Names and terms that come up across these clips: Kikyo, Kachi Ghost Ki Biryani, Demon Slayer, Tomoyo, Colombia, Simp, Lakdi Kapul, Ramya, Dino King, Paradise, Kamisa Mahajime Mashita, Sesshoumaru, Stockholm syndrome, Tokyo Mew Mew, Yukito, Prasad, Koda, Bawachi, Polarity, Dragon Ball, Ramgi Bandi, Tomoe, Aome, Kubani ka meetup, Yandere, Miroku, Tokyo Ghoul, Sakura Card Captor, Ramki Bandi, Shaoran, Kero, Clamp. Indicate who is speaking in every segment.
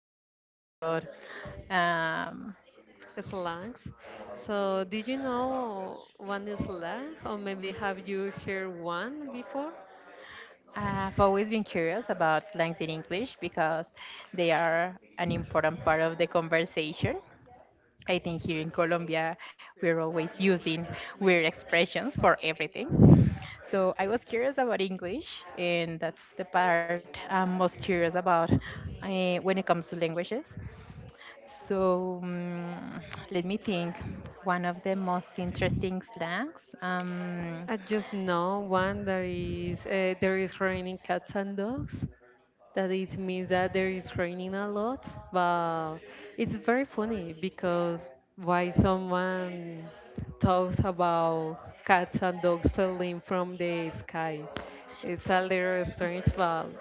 Speaker 1: talking about. Um,
Speaker 2: Slangs. So, did you know one slang, or maybe have you heard one before?
Speaker 1: I've always been curious about slangs in English because they are an important part of the conversation. I think here in Colombia, we're always using weird expressions for everything. So I was curious about English, and that's the part I'm most curious about when it comes to languages. So let me think. One of the most interesting slangs.
Speaker 2: I just know one that is there is raining cats and dogs. That it means that there is raining a lot, but it's very funny because why someone talks about cats and dogs falling from the sky. It's a little strange, but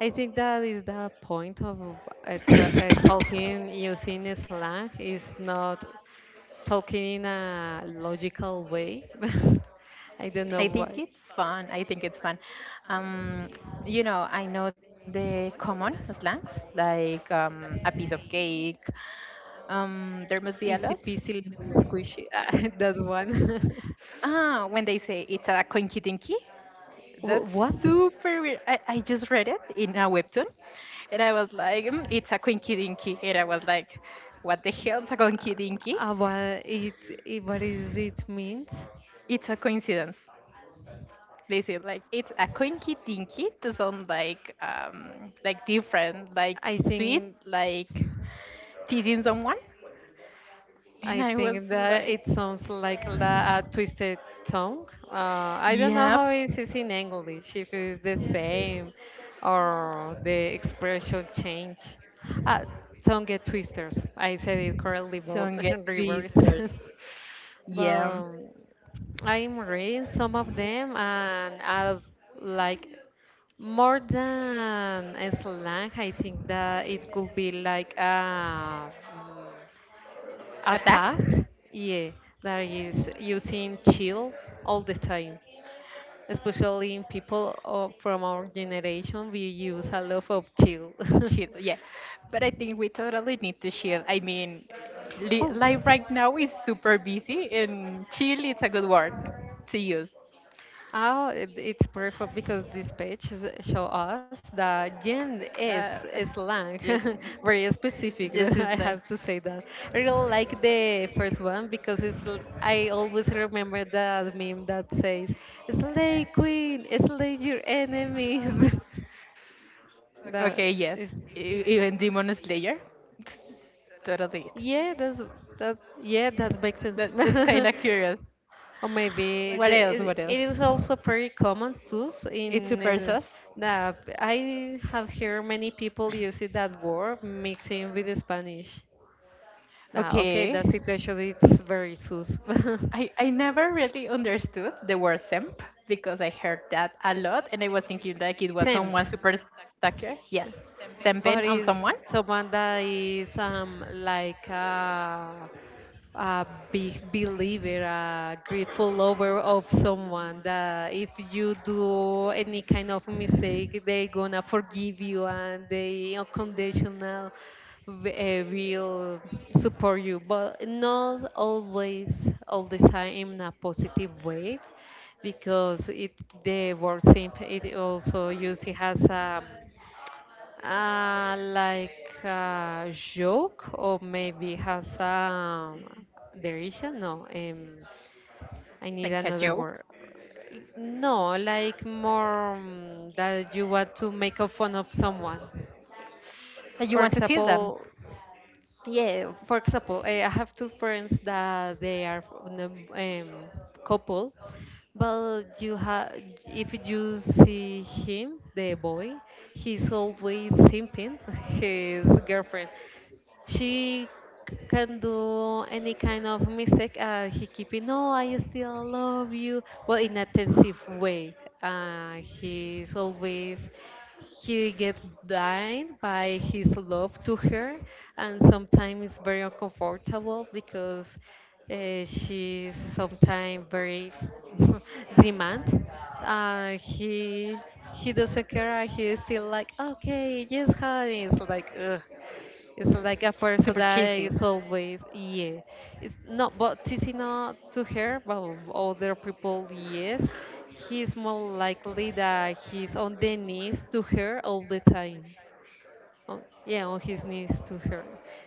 Speaker 2: I think that is the point of
Speaker 1: I
Speaker 2: talking using slang is not talking in a logical way. I don't know
Speaker 1: think
Speaker 2: why.
Speaker 1: it's fun. I think it's fun. Um, I know the common slangs like a piece of cake. There must be a
Speaker 2: Easy
Speaker 1: lot.
Speaker 2: peasy lemon squishy. that one.
Speaker 1: Ah, when they say it's a coinky dinky, that's
Speaker 2: What?
Speaker 1: super weird. I just read it in a webtoon, and I was like, "Mm, it's a coinky dinky," and I was like, what the hell is a coinky dinky?
Speaker 2: What it, it? What is it means?
Speaker 1: It's a coincidence. Basically, like it's a coinky dinky to sound like different, like
Speaker 2: I
Speaker 1: sweet,
Speaker 2: think.
Speaker 1: like teasing someone. And
Speaker 2: I
Speaker 1: I was
Speaker 2: think that
Speaker 1: like,
Speaker 2: it sounds like the a twisted tongue. I don't know how
Speaker 1: yep,
Speaker 2: it is in English, if it's the same or the expression change. Uh, tongue twisters. I said it correctly,
Speaker 1: don't
Speaker 2: but
Speaker 1: get
Speaker 2: reverse.
Speaker 1: twisters.
Speaker 2: but
Speaker 1: Yeah.
Speaker 2: I'm reading some of them, and I like more than a slang. I think that it could be like a
Speaker 1: Attack?
Speaker 2: tag, yeah, that is using chill all the time. Especially in people of, from our generation, we use a lot of chill.
Speaker 1: Chill, yeah. But I think we totally need to chill. I mean,
Speaker 2: oh.
Speaker 1: life right now is super busy and chill is a good word to use.
Speaker 2: Oh, it's perfect because this page show us that Gen
Speaker 1: Uh,
Speaker 2: is
Speaker 1: Gen
Speaker 2: slang, very
Speaker 1: Gen
Speaker 2: specific.
Speaker 1: is like.
Speaker 2: I have to say that. I really like the first one because it's. I always remember that meme that says "Slay Queen, slay your enemies." that
Speaker 1: Okay, yes.
Speaker 2: is.
Speaker 1: Even Demon Slayer. Totally it.
Speaker 2: Yeah, that's that. Yeah, that makes sense.
Speaker 1: That that's kind of curious.
Speaker 2: Or maybe
Speaker 1: What
Speaker 2: the,
Speaker 1: else?
Speaker 2: it,
Speaker 1: What
Speaker 2: it
Speaker 1: else?
Speaker 2: is also pretty common too
Speaker 1: It's
Speaker 2: in
Speaker 1: super sus.
Speaker 2: that I have heard many people using that word mixing with Spanish. Nah, okay, that
Speaker 1: Okay.
Speaker 2: situation is very sus.
Speaker 1: I never really understood the word simp because I heard that a lot and I was thinking like it was
Speaker 2: Simp.
Speaker 1: someone super stalker. Yes. Simping on
Speaker 2: But
Speaker 1: someone,
Speaker 2: it's someone that is like a big believer, a grateful lover of someone that if you do any kind of mistake, they gonna forgive you and they unconditional will support you, but not always all the time in a positive way because it the word simp it also used it has like a joke or maybe has derision? No, I need
Speaker 1: like a
Speaker 2: another
Speaker 1: joke.
Speaker 2: word. No, like more that you want to make a fun of someone.
Speaker 1: That you
Speaker 2: For
Speaker 1: want to tease them.
Speaker 2: example, yeah, for example, I have two friends that they are couple, but you have if you see him, the boy, he's always simping his girlfriend she can do any kind of mistake he keeping no I still love you well in a tensive way he's always he gets blind by his love to her and sometimes it's very uncomfortable because she's sometimes very demand uh, he he doesn't care he's still like okay yes honey it's like ugh. It's like
Speaker 1: Super
Speaker 2: a person
Speaker 1: cheesy.
Speaker 2: that is always, yeah. It's not, but this is not to her, but other people, yes. He's more likely that he's on the knees to her all the time. On, yeah, on his knees to her.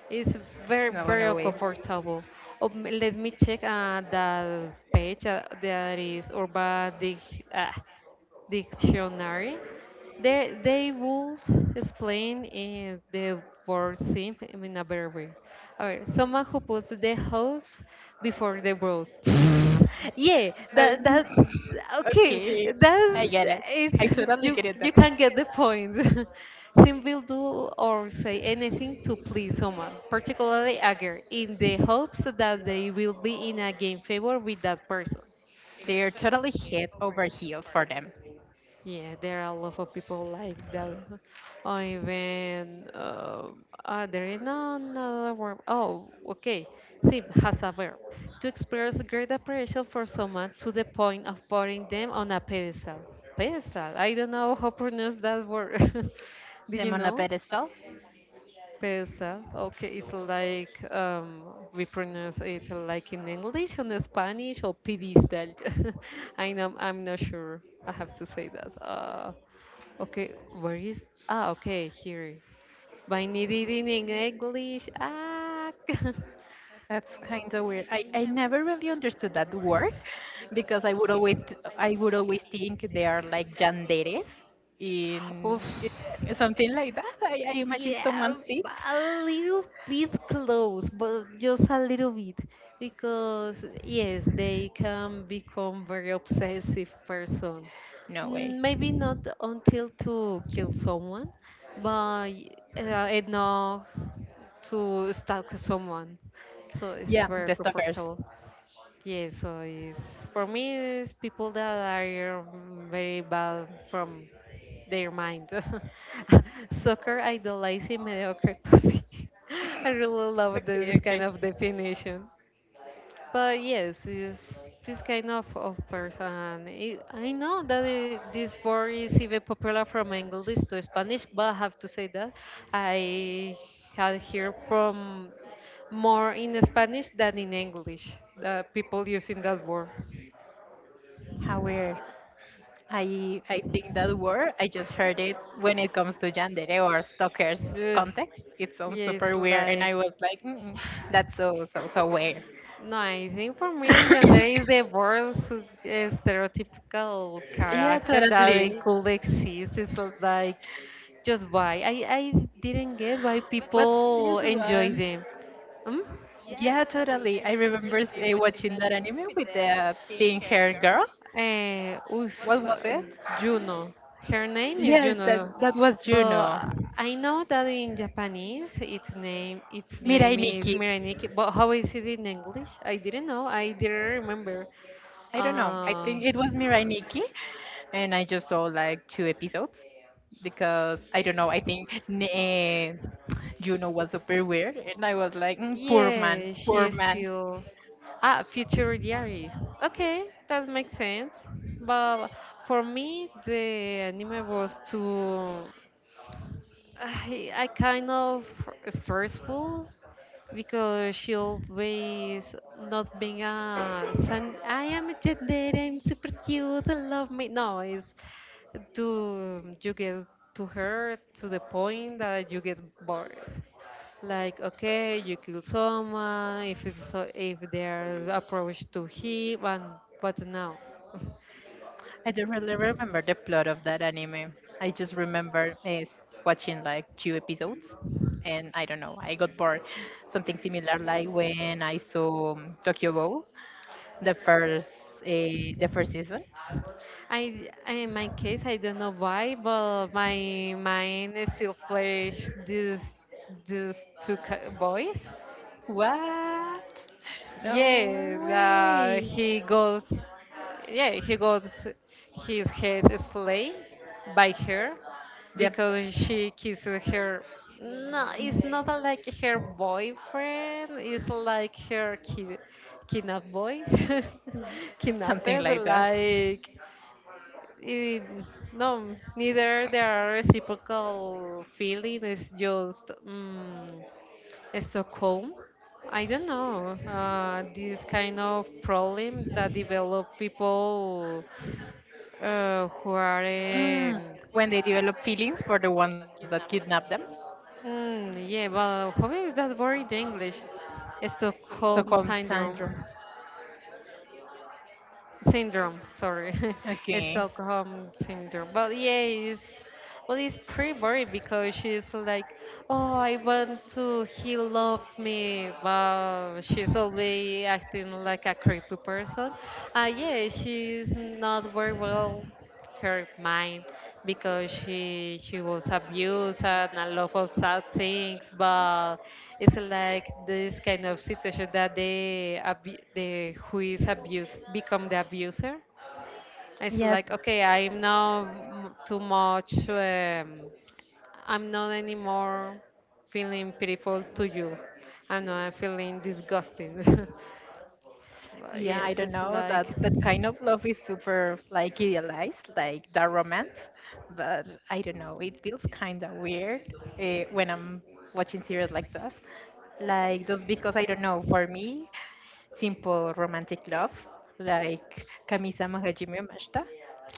Speaker 2: It's
Speaker 1: No,
Speaker 2: very,
Speaker 1: no
Speaker 2: very
Speaker 1: way.
Speaker 2: uncomfortable. Oh, let me check the page that is Urban Dictionary. They will explain in the word simp in a better way. Alright, someone who puts the house before the road. yeah, that
Speaker 1: Um,
Speaker 2: that okay.
Speaker 1: okay, I
Speaker 2: That
Speaker 1: get it.
Speaker 2: is
Speaker 1: I totally
Speaker 2: you
Speaker 1: get it. That.
Speaker 2: you can get the point. Simp will do or say anything to please someone, particularly a girl, in the hopes that they will be in a game favor with that person.
Speaker 1: They're totally head over heels for them.
Speaker 2: Yeah, there are a lot of people like that. Or even, are there is no another word? Oh, okay. Sip has a verb. To express great appreciation for someone to the point of putting them on a pedestal. Pedestal. I don't know how to pronounce that word. Did you
Speaker 1: The on.
Speaker 2: know? Pesa. Okay, it's like we pronounce it like in English and Spanish or pedestal. I know I'm not sure. I have to say that. Okay, where is? Ah, okay, here. But I need it in English. Ah,
Speaker 1: That's kind of weird. I never really understood that word because I would always think they are like janderes
Speaker 2: oof.
Speaker 1: in, in something like that. I imagine someone
Speaker 2: Yeah,
Speaker 1: sip.
Speaker 2: a little bit close, but just a little bit. Because, yes, they can become very obsessive person.
Speaker 1: No
Speaker 2: Mm,
Speaker 1: way.
Speaker 2: maybe not until to kill someone, but enough to stalk someone. So it's
Speaker 1: Yeah,
Speaker 2: very
Speaker 1: the stalkers.
Speaker 2: comfortable. Yeah, so it's, for me, it's people that are very bad from their mind. Soccer idolizing mediocre pussy. I really love this
Speaker 1: Okay,
Speaker 2: kind
Speaker 1: okay.
Speaker 2: of definition. But yes, it's this kind of person. It, I know that it, this word is even popular from English to Spanish, but I have to say that I had heard from more in Spanish than in English, the people using that word.
Speaker 1: How weird. I think that word I just heard it when it comes to yandere or stalkers
Speaker 2: Ugh.
Speaker 1: context. It sounds
Speaker 2: Yeah, it's
Speaker 1: super weird, and
Speaker 2: like
Speaker 1: I was like, mm-mm, that's so so so weird.
Speaker 2: no. I think for me, Yandere is the worst stereotypical
Speaker 1: Yeah,
Speaker 2: character that
Speaker 1: totally.
Speaker 2: it could exist. It's like just why I didn't get why
Speaker 1: What's this
Speaker 2: people enjoy
Speaker 1: one?
Speaker 2: them. Hmm?
Speaker 1: Yeah, totally. I remember watching that anime with the pink haired girl.
Speaker 2: Eh, oof,
Speaker 1: What was it?
Speaker 2: Juno. Her name is
Speaker 1: Yeah, that
Speaker 2: Juno,
Speaker 1: that was Juno.
Speaker 2: but I know that in Japanese its name
Speaker 1: Mirai
Speaker 2: is
Speaker 1: Nikki.
Speaker 2: Miraniki. But how is it in English? I didn't know. I didn't remember.
Speaker 1: I don't know. I
Speaker 2: Uh,
Speaker 1: think it was Mirai Nikki and I just saw like two episodes because I don't know. I think Juno was super weird, and I was like, mm, poor man,
Speaker 2: yeah, she
Speaker 1: poor
Speaker 2: is
Speaker 1: man.
Speaker 2: still. Ah, future diary. Okay, that makes sense. But for me, the anime was too, I kind of stressful because she always not being a son. I am a jet lady, I'm super cute. I love me. No, it's to you get to her to the point that you get bored. Like, okay, you kill someone if it's so, if they are approached to him, and but no.
Speaker 1: I don't really remember the plot of that anime. I just remember watching like two episodes, and I don't know. I got bored. Something similar like when I saw Tokyo Ghoul, the first the first season.
Speaker 2: I in my case I don't know why, but my mind is still flashed this these two boys.
Speaker 1: What?
Speaker 2: Yeah,
Speaker 1: No way.
Speaker 2: he goes yeah he got his head slayed by her
Speaker 1: Yep,
Speaker 2: because she kisses her no it's not a, like her boyfriend it's like her kidnap boy kidnapped
Speaker 1: something like that.
Speaker 2: like it, no neither there are reciprocal feeling it's just Stockholm I don't know. This kind of problem that develop people who are
Speaker 1: Uh, Mm, when they develop feelings for the ones that kidnap them,
Speaker 2: yeah, but how is that word in English?
Speaker 1: so-called
Speaker 2: Stockholm
Speaker 1: syndrome.
Speaker 2: syndrome. Syndrome, sorry.
Speaker 1: Okay.
Speaker 2: Stockholm syndrome. But yeah, it's well, it's pretty boring because she's like, oh, I want to. He loves me, but she's always acting like a creepy person. Yeah, she's not very well her mind because she was abused and a lot of sad things but it's like this kind of situation that the the who is abused become the abuser it's
Speaker 1: Yes.
Speaker 2: like okay I'm not too much I'm not anymore feeling pitiful to you I'm not feeling disgusting
Speaker 1: Yeah, I
Speaker 2: yes,
Speaker 1: don't
Speaker 2: it's
Speaker 1: know.
Speaker 2: like
Speaker 1: That that kind of love is super like idealized, like the romance. But I don't know. It feels kind of weird when I'm watching series like this. Like just because I don't know. For me, simple romantic love like Kamisa Mahajime Mashita.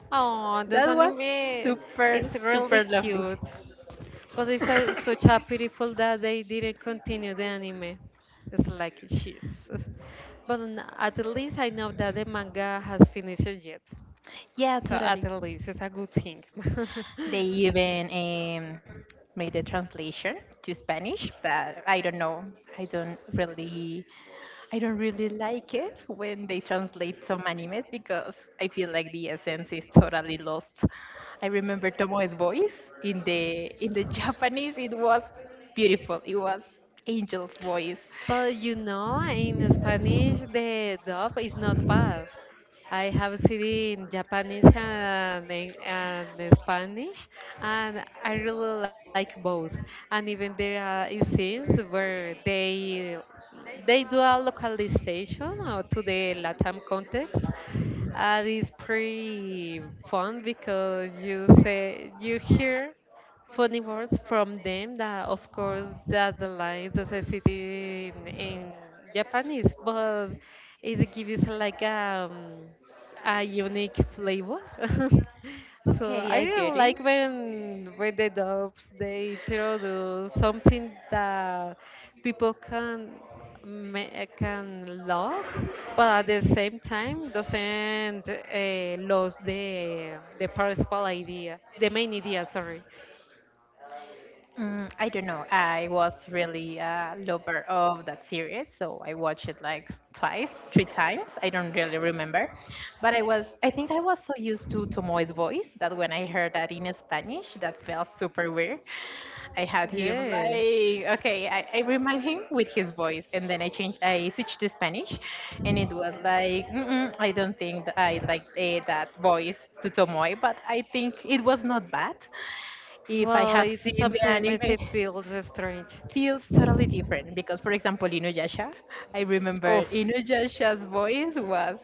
Speaker 2: oh, this
Speaker 1: That was
Speaker 2: anime
Speaker 1: super,
Speaker 2: is really
Speaker 1: super lovely.
Speaker 2: cute. But it's a, such a pitiful that they didn't continue the anime. It's like she's. But at least I know that the manga has finished yet.
Speaker 1: Yeah,
Speaker 2: So at
Speaker 1: totally.
Speaker 2: least it's a good thing.
Speaker 1: They even made the translation to Spanish, but I don't know. I don't really, I don't really like it when they translate some animes because I feel like the essence is totally lost. I remember Tomoe's voice in the Japanese. It was beautiful. It was angel's voice.
Speaker 2: But you know, in Spanish, the dub is not bad. I have seen it in Japanese and, and in Spanish, and I really like both. And even there are scenes where they do a localization or to the Latam context. And it's pretty fun because you say you hear funny words from them that of course that aligns the necessity in Japanese, but it gives like a unique flavor. so
Speaker 1: Okay,
Speaker 2: I
Speaker 1: I get
Speaker 2: really
Speaker 1: it.
Speaker 2: like when the dubs they introduce something that people can can love, but at the same time doesn't lose the principal idea, the main idea. Sorry
Speaker 1: Mm, I don't know. I was really a lover of that series, so I watched it like twice, three times. I don't really remember, but I was. I think I was so used to Tomoe's voice that when I heard that in Spanish, that felt super weird. I had
Speaker 2: admit.
Speaker 1: him
Speaker 2: Yeah.
Speaker 1: like okay, I remind him with his voice, and then I changed, I switched to Spanish, and it was like mm-mm, I don't think that I like that voice to Tomoe, but I think it was not bad. If I
Speaker 2: Well,
Speaker 1: have
Speaker 2: it
Speaker 1: seen the
Speaker 2: sometimes makes it
Speaker 1: anime,
Speaker 2: feels strange.
Speaker 1: feels totally different because, for example, Inuyasha, I
Speaker 2: Oh,
Speaker 1: remember Inuyasha's voice was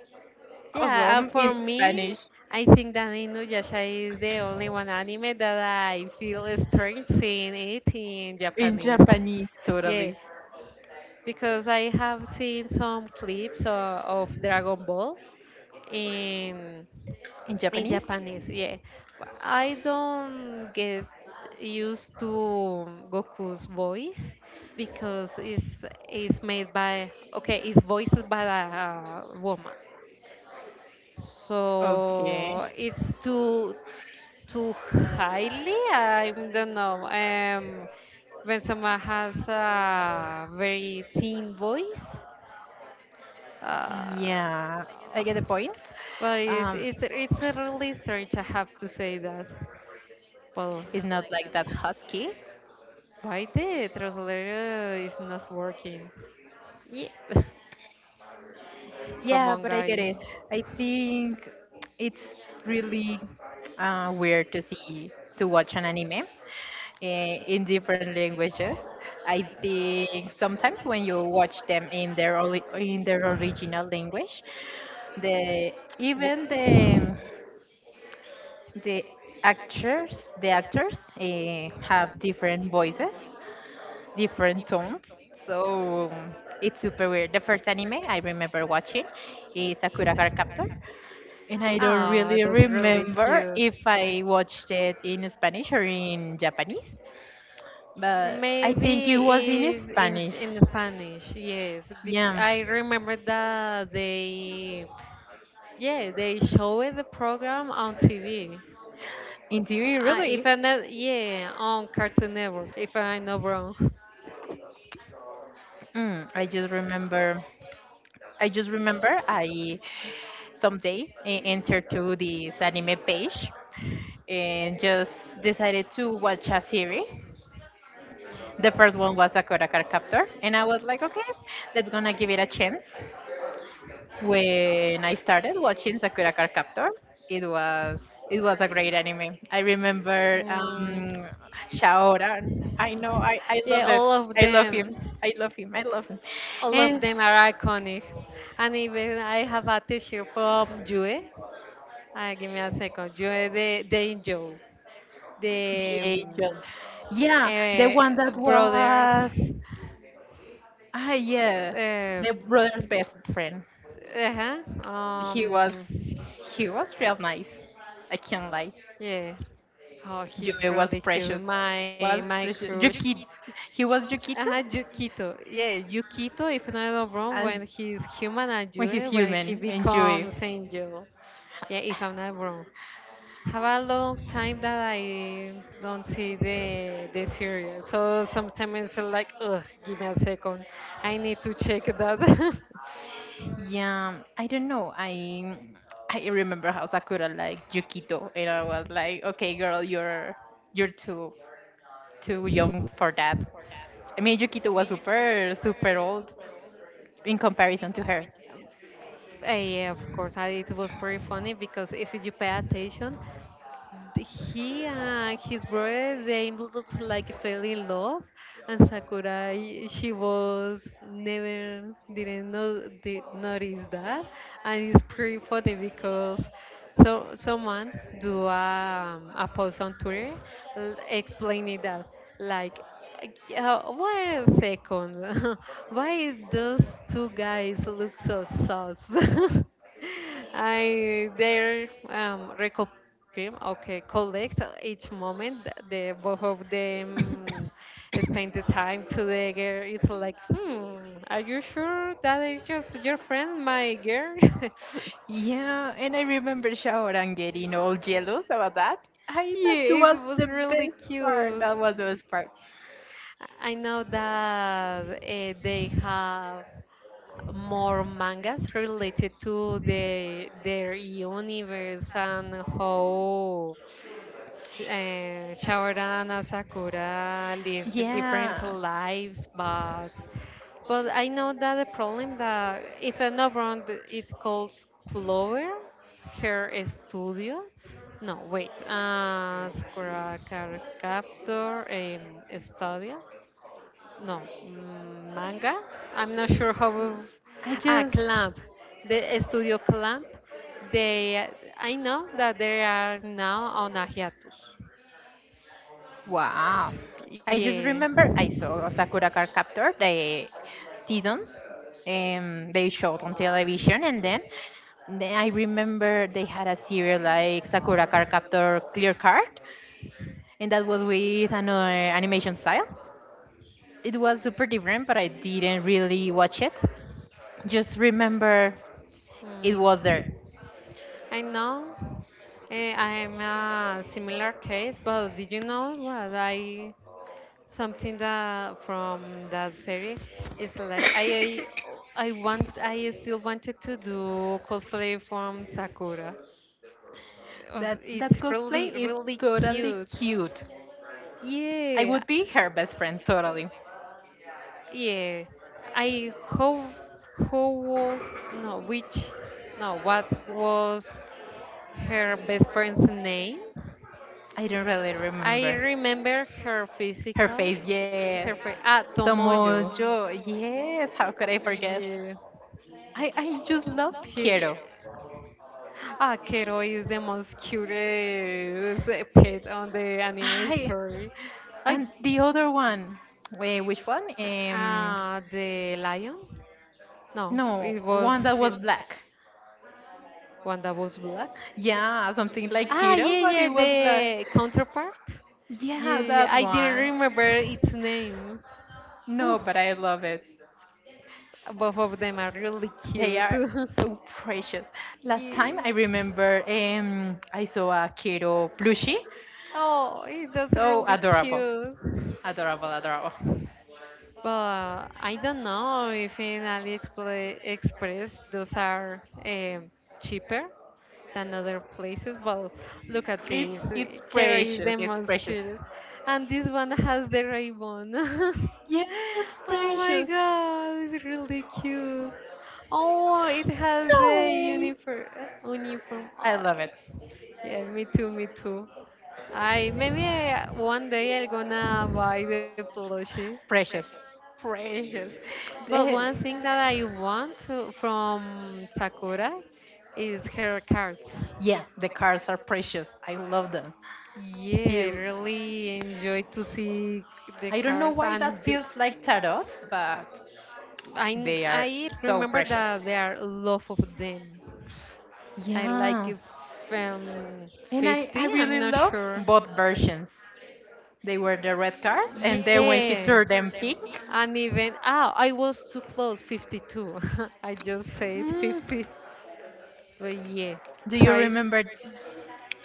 Speaker 2: yeah. And
Speaker 1: awesome in
Speaker 2: for me,
Speaker 1: Spanish,
Speaker 2: I think that Inuyasha is the only one anime that I feel strange seeing it in
Speaker 1: in
Speaker 2: Japanese.
Speaker 1: Japanese,
Speaker 2: Yeah,
Speaker 1: totally
Speaker 2: because I have seen some clips of Dragon Ball in
Speaker 1: in
Speaker 2: in
Speaker 1: Japanese.
Speaker 2: Japanese. Yeah, but I don't get used to Goku's voice because it's made by okay, it's voiced by a woman,
Speaker 1: Okay,
Speaker 2: so it's too too highly. I don't know. When someone has a very thin voice uh,
Speaker 1: yeah, I get the point.
Speaker 2: well,
Speaker 1: um
Speaker 2: it's, it's really strange. I have to say that. Well,
Speaker 1: it's not like that husky,
Speaker 2: why the translator is not working? Yeah. Come
Speaker 1: yeah,
Speaker 2: on,
Speaker 1: but I get
Speaker 2: guy.
Speaker 1: it. I think it's really weird to watch an anime in different languages. I think sometimes when you watch them in their in their original language, the
Speaker 2: Wh-
Speaker 1: even the actors, have different voices, different tones. So it's super weird. The first anime I remember watching is Sakura Card Captor, and I don't
Speaker 2: Oh, that's
Speaker 1: really
Speaker 2: really cute.
Speaker 1: remember if I watched it in Spanish or in Japanese, but I
Speaker 2: Maybe
Speaker 1: think it was in
Speaker 2: it's
Speaker 1: Spanish.
Speaker 2: in Spanish, yes.
Speaker 1: Yeah,
Speaker 2: I remember that they, yeah, they showed the program on TV.
Speaker 1: in TV, really.
Speaker 2: If I not, yeah, on Cartoon Network. If I'm not wrong.
Speaker 1: Mm, I just remember I someday entered to this anime page and just decided to watch a series. The first one was Sakura Card Captor, and I was like, okay, let's gonna give it a chance. When I started watching Sakura Card Captor, it was it was a great anime. I remember
Speaker 2: Mm,
Speaker 1: Shaoran. I know, I
Speaker 2: yeah,
Speaker 1: love it.
Speaker 2: all of
Speaker 1: I love him.
Speaker 2: them.
Speaker 1: I love him.
Speaker 2: All of
Speaker 1: And
Speaker 2: them are iconic. And even I have a t-shirt from Jue. Give me a second. Jue the angel.
Speaker 1: the
Speaker 2: The
Speaker 1: angel. Yeah, the one that
Speaker 2: brothers.
Speaker 1: was, ah yeah,
Speaker 2: Uh,
Speaker 1: the brother's best friend.
Speaker 2: uh-huh.
Speaker 1: He was
Speaker 2: Um,
Speaker 1: he was real nice. I can't lie.
Speaker 2: yeah. Oh, he's
Speaker 1: Juve was
Speaker 2: really cute.
Speaker 1: precious.
Speaker 2: My
Speaker 1: Was
Speaker 2: my
Speaker 1: precious.
Speaker 2: crush.
Speaker 1: Yukito. He was
Speaker 2: Uh-huh,
Speaker 1: Yukito?
Speaker 2: Yukito. Yeah, Yukito, if I'm not wrong, when
Speaker 1: And
Speaker 2: he's human and
Speaker 1: when
Speaker 2: Jue,
Speaker 1: he's
Speaker 2: when he
Speaker 1: human and Juve.
Speaker 2: becomes angel. Yeah, if I'm not wrong. Have a long time that I don't see the serial. So sometimes it's like, ugh, give me a second. I need to check that.
Speaker 1: Yeah, I don't know. I remember how Sakura liked Yukito and I was like, okay girl, you're you're too too young for that. I mean Yukito was super old in comparison to her.
Speaker 2: Yeah, of course. I, it was pretty funny because if you pay attention, he and his brother they able like fell in love and sakurai she was never didn't know did notice that. And it's pretty funny because so someone do a post on twitter, explaining that like, wait a second why those two guys look so sus. I they're reco film. Okay, collect each moment. The both of them spend the time together. It's like, hmm, are you sure that is just your friend, my girl?
Speaker 1: Yeah, and I remember Shaoran getting all jealous about that. I thought that
Speaker 2: Yeah,
Speaker 1: was
Speaker 2: it was
Speaker 1: the
Speaker 2: really
Speaker 1: best part.
Speaker 2: cute.
Speaker 1: That was the best part.
Speaker 2: I know that they have more mangas related to the, their universe and how Shaoran and Sakura live different
Speaker 1: Yeah.
Speaker 2: lives, but I know that the problem that if I'm not wrong, it calls Clover her studio. No, wait, Sakura Car Captor Studio. No, manga. I'm not sure how. We-
Speaker 1: I
Speaker 2: Ah,
Speaker 1: just
Speaker 2: Clamp. The studio Clamp. They. I know that they are now on a hiatus.
Speaker 1: wow. I just
Speaker 2: Yeah.
Speaker 1: remember I saw Sakura Card Captor the seasons they showed on television and then I remember they had a serial like Sakura Card Captor Clear Card and that was with another animation style. It was super different but I didn't really watch it. Just remember it was
Speaker 2: Mm.
Speaker 1: there.
Speaker 2: I know. I'm a similar case, but did you know what I something that from that series is like I I I want I still wanted to do cosplay from Sakura. It was-
Speaker 1: That that
Speaker 2: It's really
Speaker 1: cosplay is
Speaker 2: really
Speaker 1: totally
Speaker 2: cute.
Speaker 1: cute. I
Speaker 2: Yeah.
Speaker 1: would be her best friend totally.
Speaker 2: Yeah, I how was no which no what was her best friend's name.
Speaker 1: I don't really
Speaker 2: I
Speaker 1: remember.
Speaker 2: remember her
Speaker 1: Her
Speaker 2: physical,
Speaker 1: face,
Speaker 2: her
Speaker 1: yes.
Speaker 2: face, yes. Ah, Tomoyo.
Speaker 1: Tomoyo, yes. How could I forget?
Speaker 2: Yeah,
Speaker 1: I just loved
Speaker 2: she.
Speaker 1: Kero.
Speaker 2: Ah, Kero is the most cutest pet on the anime
Speaker 1: I
Speaker 2: story. I
Speaker 1: and the other one. Wait, which one?
Speaker 2: ah, the lion? No,
Speaker 1: No,
Speaker 2: it was
Speaker 1: one that
Speaker 2: he-
Speaker 1: was black.
Speaker 2: one that was black.
Speaker 1: Yeah, something like
Speaker 2: Ah,
Speaker 1: Kero,
Speaker 2: yeah,
Speaker 1: but
Speaker 2: yeah,
Speaker 1: it was black.
Speaker 2: the counterpart. Yeah, yeah,
Speaker 1: Yeah,
Speaker 2: yeah,
Speaker 1: that
Speaker 2: I didn't
Speaker 1: one.
Speaker 2: remember its name.
Speaker 1: No,
Speaker 2: Oof.
Speaker 1: but I love it.
Speaker 2: Both of them are really
Speaker 1: They
Speaker 2: cute.
Speaker 1: are so precious. Last time I
Speaker 2: Yeah.
Speaker 1: remember, I saw a Kero plushie.
Speaker 2: Oh, it does
Speaker 1: So
Speaker 2: really
Speaker 1: adorable.
Speaker 2: cute.
Speaker 1: Adorable, adorable.
Speaker 2: But I don't know if in AliExpress those are cheaper than other places, but look at
Speaker 1: It's
Speaker 2: this.
Speaker 1: it's
Speaker 2: Kera is
Speaker 1: precious.
Speaker 2: the
Speaker 1: It's
Speaker 2: most
Speaker 1: precious.
Speaker 2: cutest. And this one has the ribbon.
Speaker 1: Yeah, it's
Speaker 2: Oh my
Speaker 1: precious.
Speaker 2: god, it's really cute. Oh, it has
Speaker 1: No
Speaker 2: the
Speaker 1: way.
Speaker 2: uniform. Uniform.
Speaker 1: I
Speaker 2: Oh,
Speaker 1: love it.
Speaker 2: yeah, me too, me too. I maybe I, 1 day I'm gonna buy the plushie.
Speaker 1: Precious. Precious.
Speaker 2: But
Speaker 1: The-
Speaker 2: one thing that I want to, from Sakura is her cards.
Speaker 1: yeah, the cards are precious. I love them.
Speaker 2: Yeah, I
Speaker 1: Feel,
Speaker 2: really enjoy to see the
Speaker 1: I don't know
Speaker 2: cars
Speaker 1: why
Speaker 2: and
Speaker 1: that
Speaker 2: the,
Speaker 1: feels like tarots, but they are
Speaker 2: I so
Speaker 1: so
Speaker 2: remember
Speaker 1: precious.
Speaker 2: that there are a lot of them. I like
Speaker 1: Yeah.
Speaker 2: yeah. If,
Speaker 1: And I
Speaker 2: 50, I'm
Speaker 1: really
Speaker 2: not
Speaker 1: love
Speaker 2: sure.
Speaker 1: both versions. They were the red cards and then when she
Speaker 2: Yeah.
Speaker 1: turned them pink.
Speaker 2: And even, ah, I was too close, 52. I just said
Speaker 1: Mm,
Speaker 2: 50, but yeah, you
Speaker 1: do you
Speaker 2: try.
Speaker 1: remember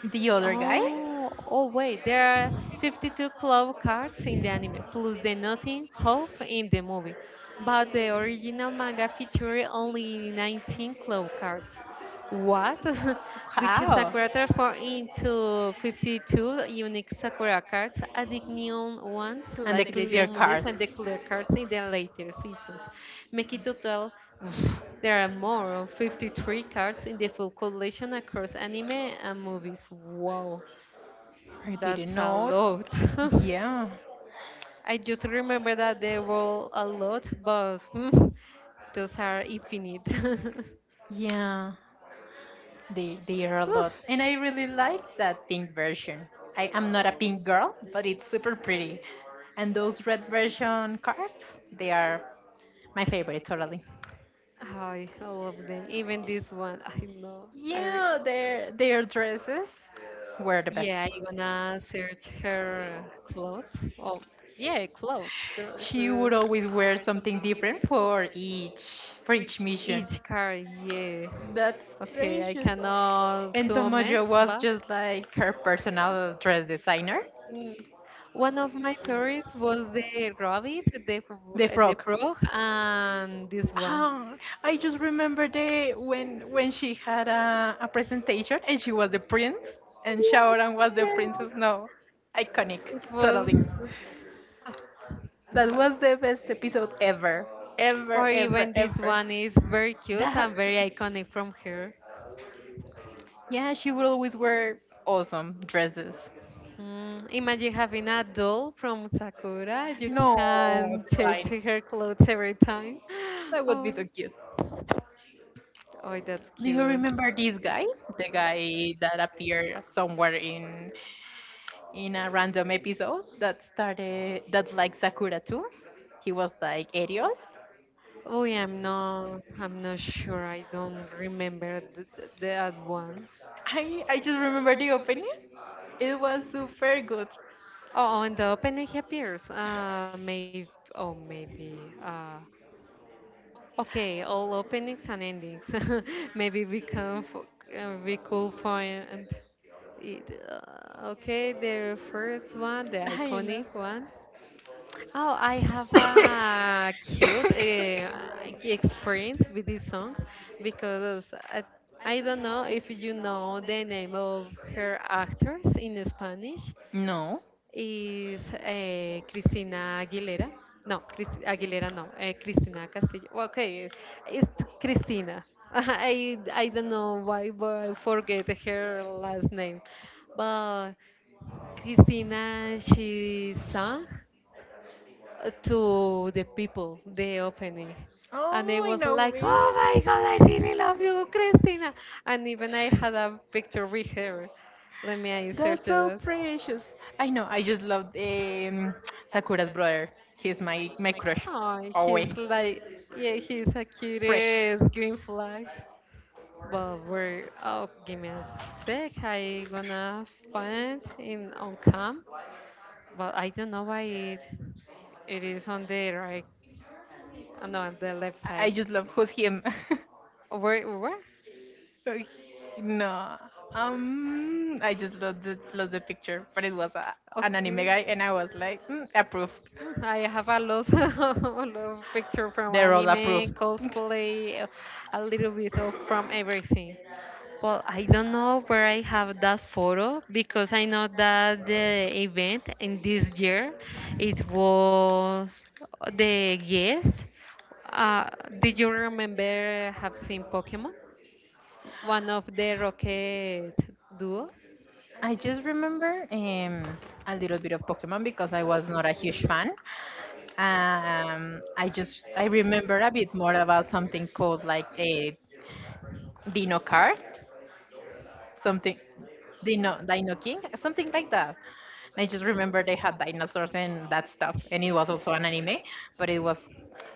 Speaker 1: the other guy?
Speaker 2: Oh, oh wait, there are 52 club cards in the anime, plus the Nothing Hope in the movie. But the original manga featured only 19 club cards. What? Which is a
Speaker 1: How?
Speaker 2: quarter for into 52 unique Sakura cards, adding new ones
Speaker 1: And
Speaker 2: like
Speaker 1: the
Speaker 2: the
Speaker 1: clear
Speaker 2: DM
Speaker 1: cars.
Speaker 2: and the clear cards in the later seasons. Make it total, oof, there are more of 53 cards in the full collection across anime and movies. Wow,
Speaker 1: I didn't
Speaker 2: that's a
Speaker 1: know.
Speaker 2: lot.
Speaker 1: Yeah.
Speaker 2: I just remember that they roll a lot, but hmm, those are infinite.
Speaker 1: Yeah. They are a lot. And I really like that pink version. I am not a pink girl, but it's super pretty. And those red version cards, they are my favorite totally.
Speaker 2: Ay, I love them. Even this one, I know.
Speaker 1: Yeah, their dresses were the best.
Speaker 2: Yeah, you gonna search her clothes. Oh, yeah, clothes, there
Speaker 1: She would
Speaker 2: dresses,
Speaker 1: always wear something different for each mission.
Speaker 2: car. Yeah.
Speaker 1: That's
Speaker 2: Okay, I
Speaker 1: precious.
Speaker 2: cannot.
Speaker 1: And
Speaker 2: And
Speaker 1: Tomoyo was just like her personal dress designer.
Speaker 2: dress. One of my favorites was the rabbit, the
Speaker 1: The
Speaker 2: the
Speaker 1: frog.
Speaker 2: frog, and this one.
Speaker 1: Ah, I just remember the when she had a presentation and she was the prince and Shaoran was the princess. No, iconic,
Speaker 2: It was,
Speaker 1: totally. That was the best episode ever, ever,
Speaker 2: or
Speaker 1: ever,
Speaker 2: even this
Speaker 1: ever.
Speaker 2: one is very cute
Speaker 1: That
Speaker 2: and very iconic from her.
Speaker 1: yeah, she would always wear awesome dresses.
Speaker 2: Mm, imagine having a doll from Sakura. You
Speaker 1: No,
Speaker 2: can change
Speaker 1: divine.
Speaker 2: her clothes every time.
Speaker 1: That would be too cute.
Speaker 2: Oh, oh, that's
Speaker 1: Do you
Speaker 2: cute.
Speaker 1: remember this guy? The guy that appeared somewhere in a random episode that started that like Sakura too? He was like Ariel.
Speaker 2: Oh, yeah, I'm not sure. I don't remember that one.
Speaker 1: I just remember the opening. It was super good.
Speaker 2: Oh, and the opening appears. Maybe. Oh, maybe. Okay. All openings and endings. Maybe we can. We could find it. Okay, the first one, the
Speaker 1: I know.
Speaker 2: iconic one. Oh, I have a cute experience with these songs because I don't know if you know the name of her actors in Spanish,
Speaker 1: No.
Speaker 2: is Cristina Aguilera. No, Cris- Aguilera, no, eh, Cristina Castillo. Well, okay, it's Cristina. I don't know why, but I forget her last name. But Cristina, she sang to the people, the opening. And I
Speaker 1: Oh, I
Speaker 2: was
Speaker 1: know
Speaker 2: like,
Speaker 1: me.
Speaker 2: oh my God, I really love you, Christina. And even I had a picture with her. Let me yeah, insert
Speaker 1: That's so
Speaker 2: it.
Speaker 1: precious. I know. I just love Sakura's brother. He's my crush.
Speaker 2: Oh, he's always.
Speaker 1: Always
Speaker 2: Like, yeah, he's a
Speaker 1: precious.
Speaker 2: cutest green flag. But we're, oh, give me a sec. I gonna find in on cam, but I don't know why it it is on there. I'm not on the left
Speaker 1: I
Speaker 2: I
Speaker 1: I
Speaker 2: side.
Speaker 1: just love who's him.
Speaker 2: Where? Where?
Speaker 1: Oh, he- no. I just love the picture, but it was a, an anime guy,
Speaker 2: Okay.
Speaker 1: and I was like, mm, approved.
Speaker 2: Mm, I have a lot, a lot of picture from
Speaker 1: They're all
Speaker 2: anime, approved.
Speaker 1: approved.
Speaker 2: Cosplay, a little bit of from everything. Well, I don't know where I have that photo because I know that the event in this year it was the guest. Uh, did you remember have seen Pokemon? One of the Rocket duo.
Speaker 1: I just remember a little bit of Pokemon because I was not a huge fan. I remember a bit more about something called like a Dino Card, something Dino Dino King, something like that. And I just remember they had dinosaurs and that stuff, and it was also an anime, but it was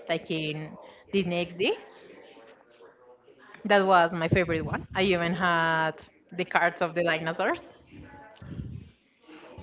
Speaker 1: like in Disney XD. That was my favorite one. I even had the cards of the dinosaurs.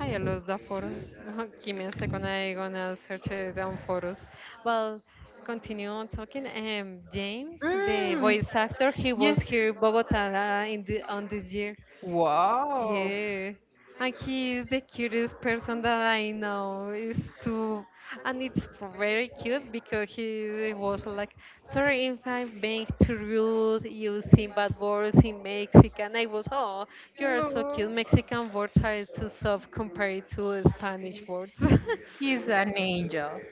Speaker 2: I lost the photo. Give me a second. I gonna search it on photos. Well, continue on talking. James, the
Speaker 1: Mm,
Speaker 2: voice actor, he was
Speaker 1: yes.
Speaker 2: here in Bogota in the, on this year.
Speaker 1: Wow.
Speaker 2: Yeah. And he is the cutest person that I know. Is too and it's very cute because he was like, sorry
Speaker 1: Wow.
Speaker 2: if I'm being too rude using bad words in Mexican. I was, oh, you are so
Speaker 1: No.
Speaker 2: cute. Mexican words are too soft compared to Spanish words.
Speaker 1: He's an angel.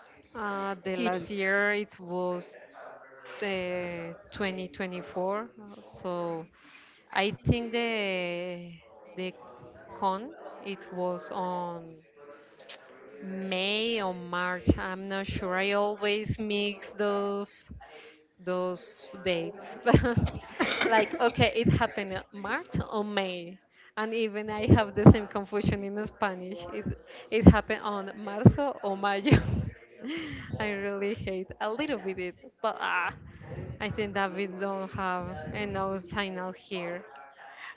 Speaker 2: The last
Speaker 1: Cutie.
Speaker 2: year it was 2024. So I think the con it was on May or March. I'm not sure. I always mix those dates. Like okay, it happened in March or May. And even I have the same confusion in Spanish. It happened on marzo or mayo. I really hate a little bit it, but ah. I think that we don't have enough signal here.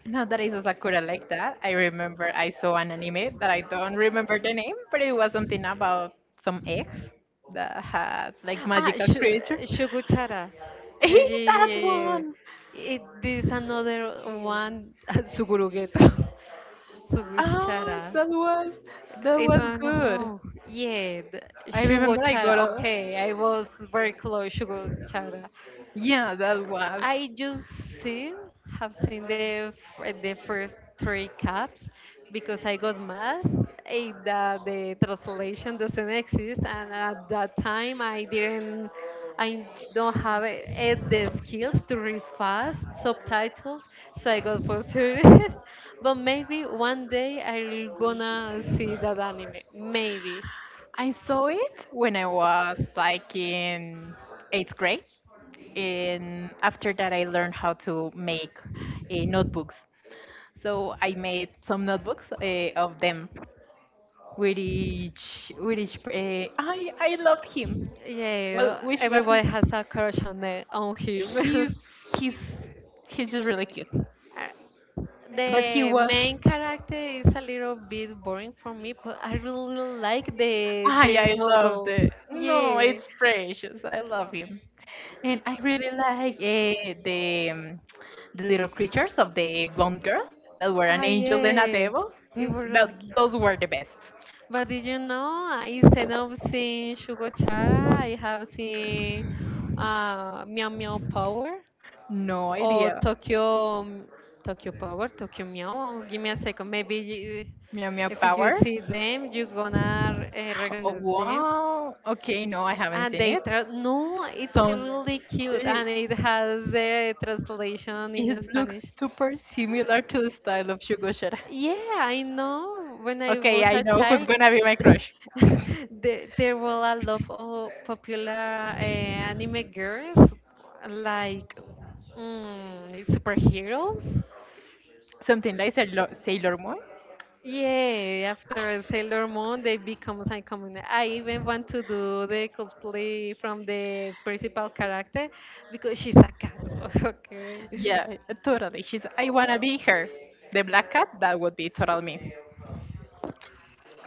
Speaker 1: Now that I saw Sakura like that, I remember I saw an anime that I don't remember the name, but it was something about some eggs that had like
Speaker 2: Ah,
Speaker 1: magical
Speaker 2: shu-
Speaker 1: creature.
Speaker 2: Shuguchara. Yeah,
Speaker 1: Hey,
Speaker 2: yeah,
Speaker 1: that
Speaker 2: yeah, yeah.
Speaker 1: one!
Speaker 2: It, this another one, Sugurugeto.
Speaker 1: Ah,
Speaker 2: Suguchara.
Speaker 1: that was
Speaker 2: If I'm not
Speaker 1: good.
Speaker 2: wrong. Yeah, the-
Speaker 1: I remember I
Speaker 2: Shugochara.
Speaker 1: got a,
Speaker 2: Okay, I was very close, Shugochara.
Speaker 1: yeah, that was...
Speaker 2: I just see, have seen the the first three caps because I got mad that the translation doesn't exist, and at that time I didn't, I don't have the skills to read fast subtitles, so I got frustrated. But maybe 1 day I'll gonna see that anime, maybe.
Speaker 1: I saw it when I was like in eighth grade, and after that, I learned how to make notebooks. So I made some notebooks of them with each with each. I loved him. Well,
Speaker 2: Yeah,
Speaker 1: which was,
Speaker 2: everybody has a crush on the on
Speaker 1: he's
Speaker 2: him.
Speaker 1: he's he's just really cute.
Speaker 2: Uh,
Speaker 1: But he
Speaker 2: the
Speaker 1: was.
Speaker 2: main character is a little bit boring for me, but I really like
Speaker 1: Ah,
Speaker 2: the
Speaker 1: yeah, I
Speaker 2: small
Speaker 1: loved
Speaker 2: dolls.
Speaker 1: it. No,
Speaker 2: Yeah.
Speaker 1: it's precious. I love him, and I really like the little creatures of the blonde girl that were
Speaker 2: Ah,
Speaker 1: an angel and a
Speaker 2: yeah.
Speaker 1: devil.
Speaker 2: We
Speaker 1: Mm,
Speaker 2: were that
Speaker 1: those were
Speaker 2: like.
Speaker 1: the best.
Speaker 2: But did you know, instead of seeing Shugo Chara, I have seen Meow Meow Power
Speaker 1: No
Speaker 2: or idea.
Speaker 1: idea.
Speaker 2: Tokyo Tokyo Power, Tokyo Meow. Give me a second. Maybe
Speaker 1: Meow Meow
Speaker 2: if you
Speaker 1: Power.
Speaker 2: see them, you're gonna
Speaker 1: Oh,
Speaker 2: recognize them.
Speaker 1: wow. Okay, no, I haven't
Speaker 2: And
Speaker 1: seen
Speaker 2: they
Speaker 1: it.
Speaker 2: tra- no, it's
Speaker 1: So
Speaker 2: really cute,
Speaker 1: it,
Speaker 2: and it has the translation in
Speaker 1: it looks
Speaker 2: Spanish.
Speaker 1: super similar to the style of Shugo Shara.
Speaker 2: Yeah, I know. When I it.
Speaker 1: Okay,
Speaker 2: Was
Speaker 1: I
Speaker 2: a
Speaker 1: know who's
Speaker 2: child,
Speaker 1: gonna be my
Speaker 2: th-
Speaker 1: crush.
Speaker 2: there were a lot of popular anime girls, like superheroes.
Speaker 1: Something like Sailor Moon.
Speaker 2: Yeah, after Sailor Moon, they become iconic. I even want to do the cosplay from the principal character because she's a cat. Okay.
Speaker 1: Yeah, totally. She's, I wanna be her. The black cat, that would be total me.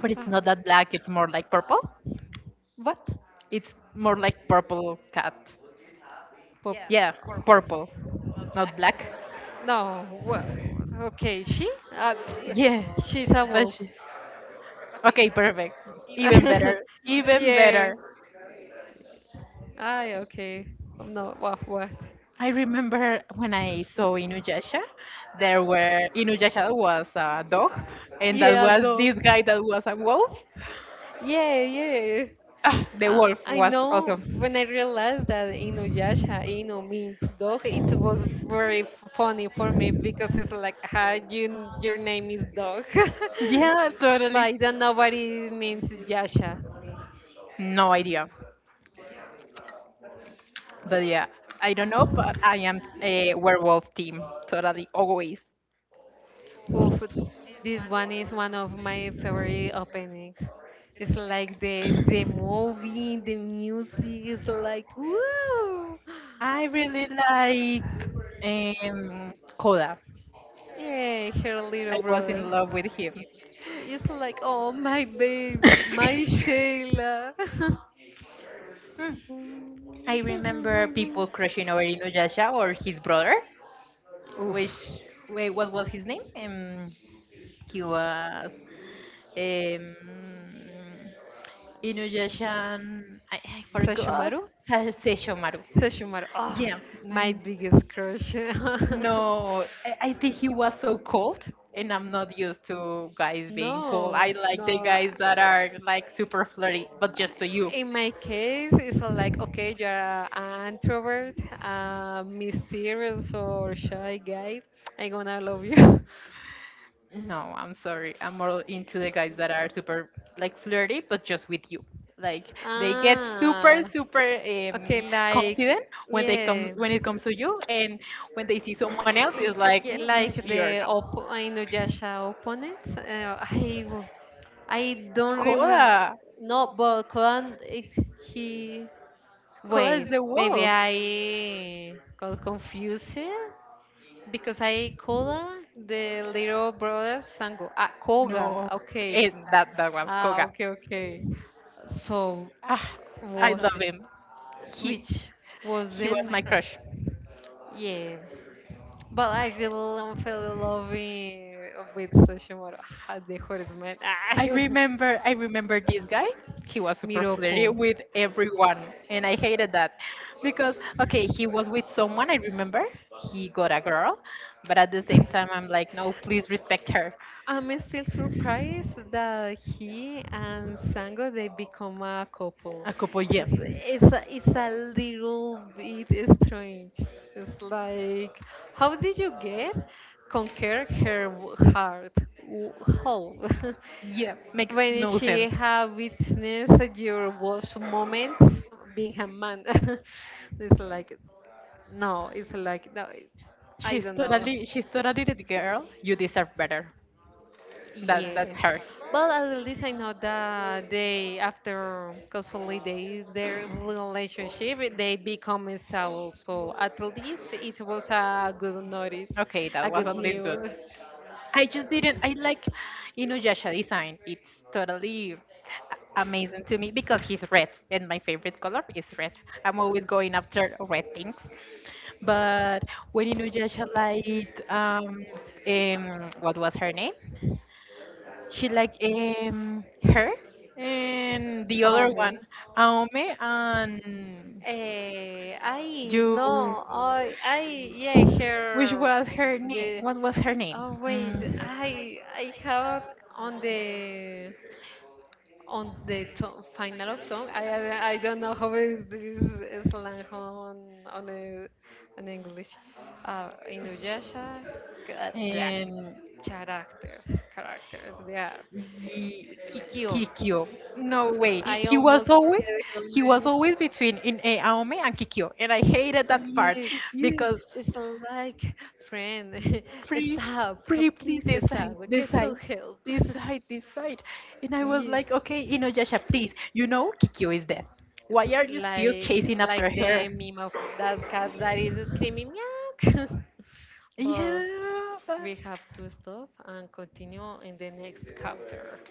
Speaker 1: But it's not that
Speaker 2: Ah.
Speaker 1: black, it's more like purple.
Speaker 2: What?
Speaker 1: It's more like purple cat.
Speaker 2: Pop.
Speaker 1: Yeah, purple, not black.
Speaker 2: No. Well, okay. She? Yeah, pff, yeah,
Speaker 1: Yeah,
Speaker 2: she's a
Speaker 1: but
Speaker 2: wolf.
Speaker 1: she. Okay, perfect. Even
Speaker 2: Better.
Speaker 1: better. Even
Speaker 2: Yeah.
Speaker 1: better.
Speaker 2: Ah, okay. No. What? What?
Speaker 1: I remember when I saw Inuyasha, there were, Inuyasha was a dog, and that
Speaker 2: Yeah,
Speaker 1: was
Speaker 2: dog.
Speaker 1: this guy that was a wolf.
Speaker 2: Yeah, yeah.
Speaker 1: Ah, the wolf
Speaker 2: I
Speaker 1: was
Speaker 2: know
Speaker 1: awesome.
Speaker 2: when I realized that Inuyasha, Inu means dog, it was very f- funny for me because it's like, "How you, your name is dog."
Speaker 1: Yeah,
Speaker 2: But
Speaker 1: totally.
Speaker 2: I don't know what it means, Yasha.
Speaker 1: No idea, but yeah, I don't know, but I am a werewolf team, totally always.
Speaker 2: Oof, this one is one of my favorite openings. It's like the movie, the music is like, wow.
Speaker 1: I really liked Koda.
Speaker 2: Yeah, her little
Speaker 1: I was
Speaker 2: brother.
Speaker 1: in love with him.
Speaker 2: It's like, oh, my baby, my Shayla.
Speaker 1: Hmm, I remember
Speaker 2: I
Speaker 1: people crushing over Inuyasha or his brother,
Speaker 2: oof.
Speaker 1: which, wait, what was his name? He was um, Inuyasha. And- I forgot.
Speaker 2: Sashimaru?
Speaker 1: Sa- Seishomaru.
Speaker 2: Sashimaru. Oh,
Speaker 1: Yeah.
Speaker 2: my
Speaker 1: mm,
Speaker 2: biggest crush.
Speaker 1: No, I think he was so cold, and I'm not used to guys being cold.
Speaker 2: No, no,
Speaker 1: I
Speaker 2: like
Speaker 1: like the
Speaker 2: no.
Speaker 1: guys that are like super flirty, but just to you.
Speaker 2: In my case, it's a like, okay, you're an introvert, a mysterious or shy guy. I'm gonna love you.
Speaker 1: No, I'm sorry. I'm more into the guys that are super like flirty, but just with you. Like they get super,
Speaker 2: Ah, okay,
Speaker 1: confident
Speaker 2: like,
Speaker 1: when they come,
Speaker 2: yeah.
Speaker 1: when it comes to you, and when they see someone else, it's like,
Speaker 2: Yeah, like
Speaker 1: mm-mm, you're
Speaker 2: the
Speaker 1: not.
Speaker 2: op Inuyasha opponent. I don't remember.
Speaker 1: Koda,
Speaker 2: No, but Koan is he?
Speaker 1: Koda is
Speaker 2: Wait,
Speaker 1: the
Speaker 2: maybe
Speaker 1: wolf.
Speaker 2: I got confused. Because I Koga the little brother Sango. Ah, Koga.
Speaker 1: No,
Speaker 2: Okay.
Speaker 1: and that was
Speaker 2: Ah,
Speaker 1: Koga.
Speaker 2: okay, okay. So,
Speaker 1: Ah, I
Speaker 2: wha-
Speaker 1: love him. He
Speaker 2: which was
Speaker 1: he
Speaker 2: then?
Speaker 1: was my crush.
Speaker 2: Yeah. But I really fell in love with Sashimoto. Ah, the hottest man. Ah.
Speaker 1: I
Speaker 2: I
Speaker 1: remember this guy. He was super
Speaker 2: Miroku.
Speaker 1: flirty with everyone and I hated that because okay, he was with someone, I remember. He got a girl, but at the same time I'm like, "No, please respect her."
Speaker 2: I'm still surprised that he and Sango they become a couple.
Speaker 1: A couple, yeah.
Speaker 2: It's, it's a little bit strange. It's like, how did you get conquer her heart? W- How?
Speaker 1: Yeah, makes
Speaker 2: When
Speaker 1: no
Speaker 2: she
Speaker 1: sense.
Speaker 2: have witnessed your worst moments being a man. It's like, no, it's like, no, I don't know.
Speaker 1: She's totally the girl. You deserve better.
Speaker 2: Yeah.
Speaker 1: That's her.
Speaker 2: Well, at least I know that they, after consolidate their relationship, they become stable. So at least it was a good notice,
Speaker 1: Okay, that
Speaker 2: a
Speaker 1: was
Speaker 2: good
Speaker 1: at least good.
Speaker 2: news.
Speaker 1: I just didn't. I like Inuyasha design. It's totally a- amazing to me because he's red, and my favorite color is red. I'm always going after red things. But when Inuyasha liked what was her name? She liked her, and the other one, Aome, and
Speaker 2: Eh, I
Speaker 1: you.
Speaker 2: no, I yeah,
Speaker 1: Which
Speaker 2: her
Speaker 1: was her name?
Speaker 2: the.
Speaker 1: What was her name?
Speaker 2: Oh wait,
Speaker 1: Mm,
Speaker 2: I have on the on the final of tongue. I don't know how is this slang on a, on English. Inuyasha, blah,
Speaker 1: and
Speaker 2: characters, characters. They are
Speaker 1: Ye-
Speaker 2: Kikyo.
Speaker 1: Kikyo. No way.
Speaker 2: I
Speaker 1: He was
Speaker 2: almost
Speaker 1: always
Speaker 2: forget her name.
Speaker 1: between in Aome and Kikyo, and I hated that part
Speaker 2: Yeah, yeah.
Speaker 1: because
Speaker 2: It's like friend,
Speaker 1: pretty
Speaker 2: stop,
Speaker 1: please,
Speaker 2: please
Speaker 1: decide
Speaker 2: stop. Get some help.
Speaker 1: decide, and I was like,
Speaker 2: Yes.
Speaker 1: okay, Inuyasha, please, you know Kikyo is dead. Why are
Speaker 2: Like,
Speaker 1: you still
Speaker 2: like
Speaker 1: chasing after
Speaker 2: like
Speaker 1: her?
Speaker 2: the meme of that cat that is screaming meow. But
Speaker 1: Yeah, but
Speaker 2: we have to stop and continue in the next chapter.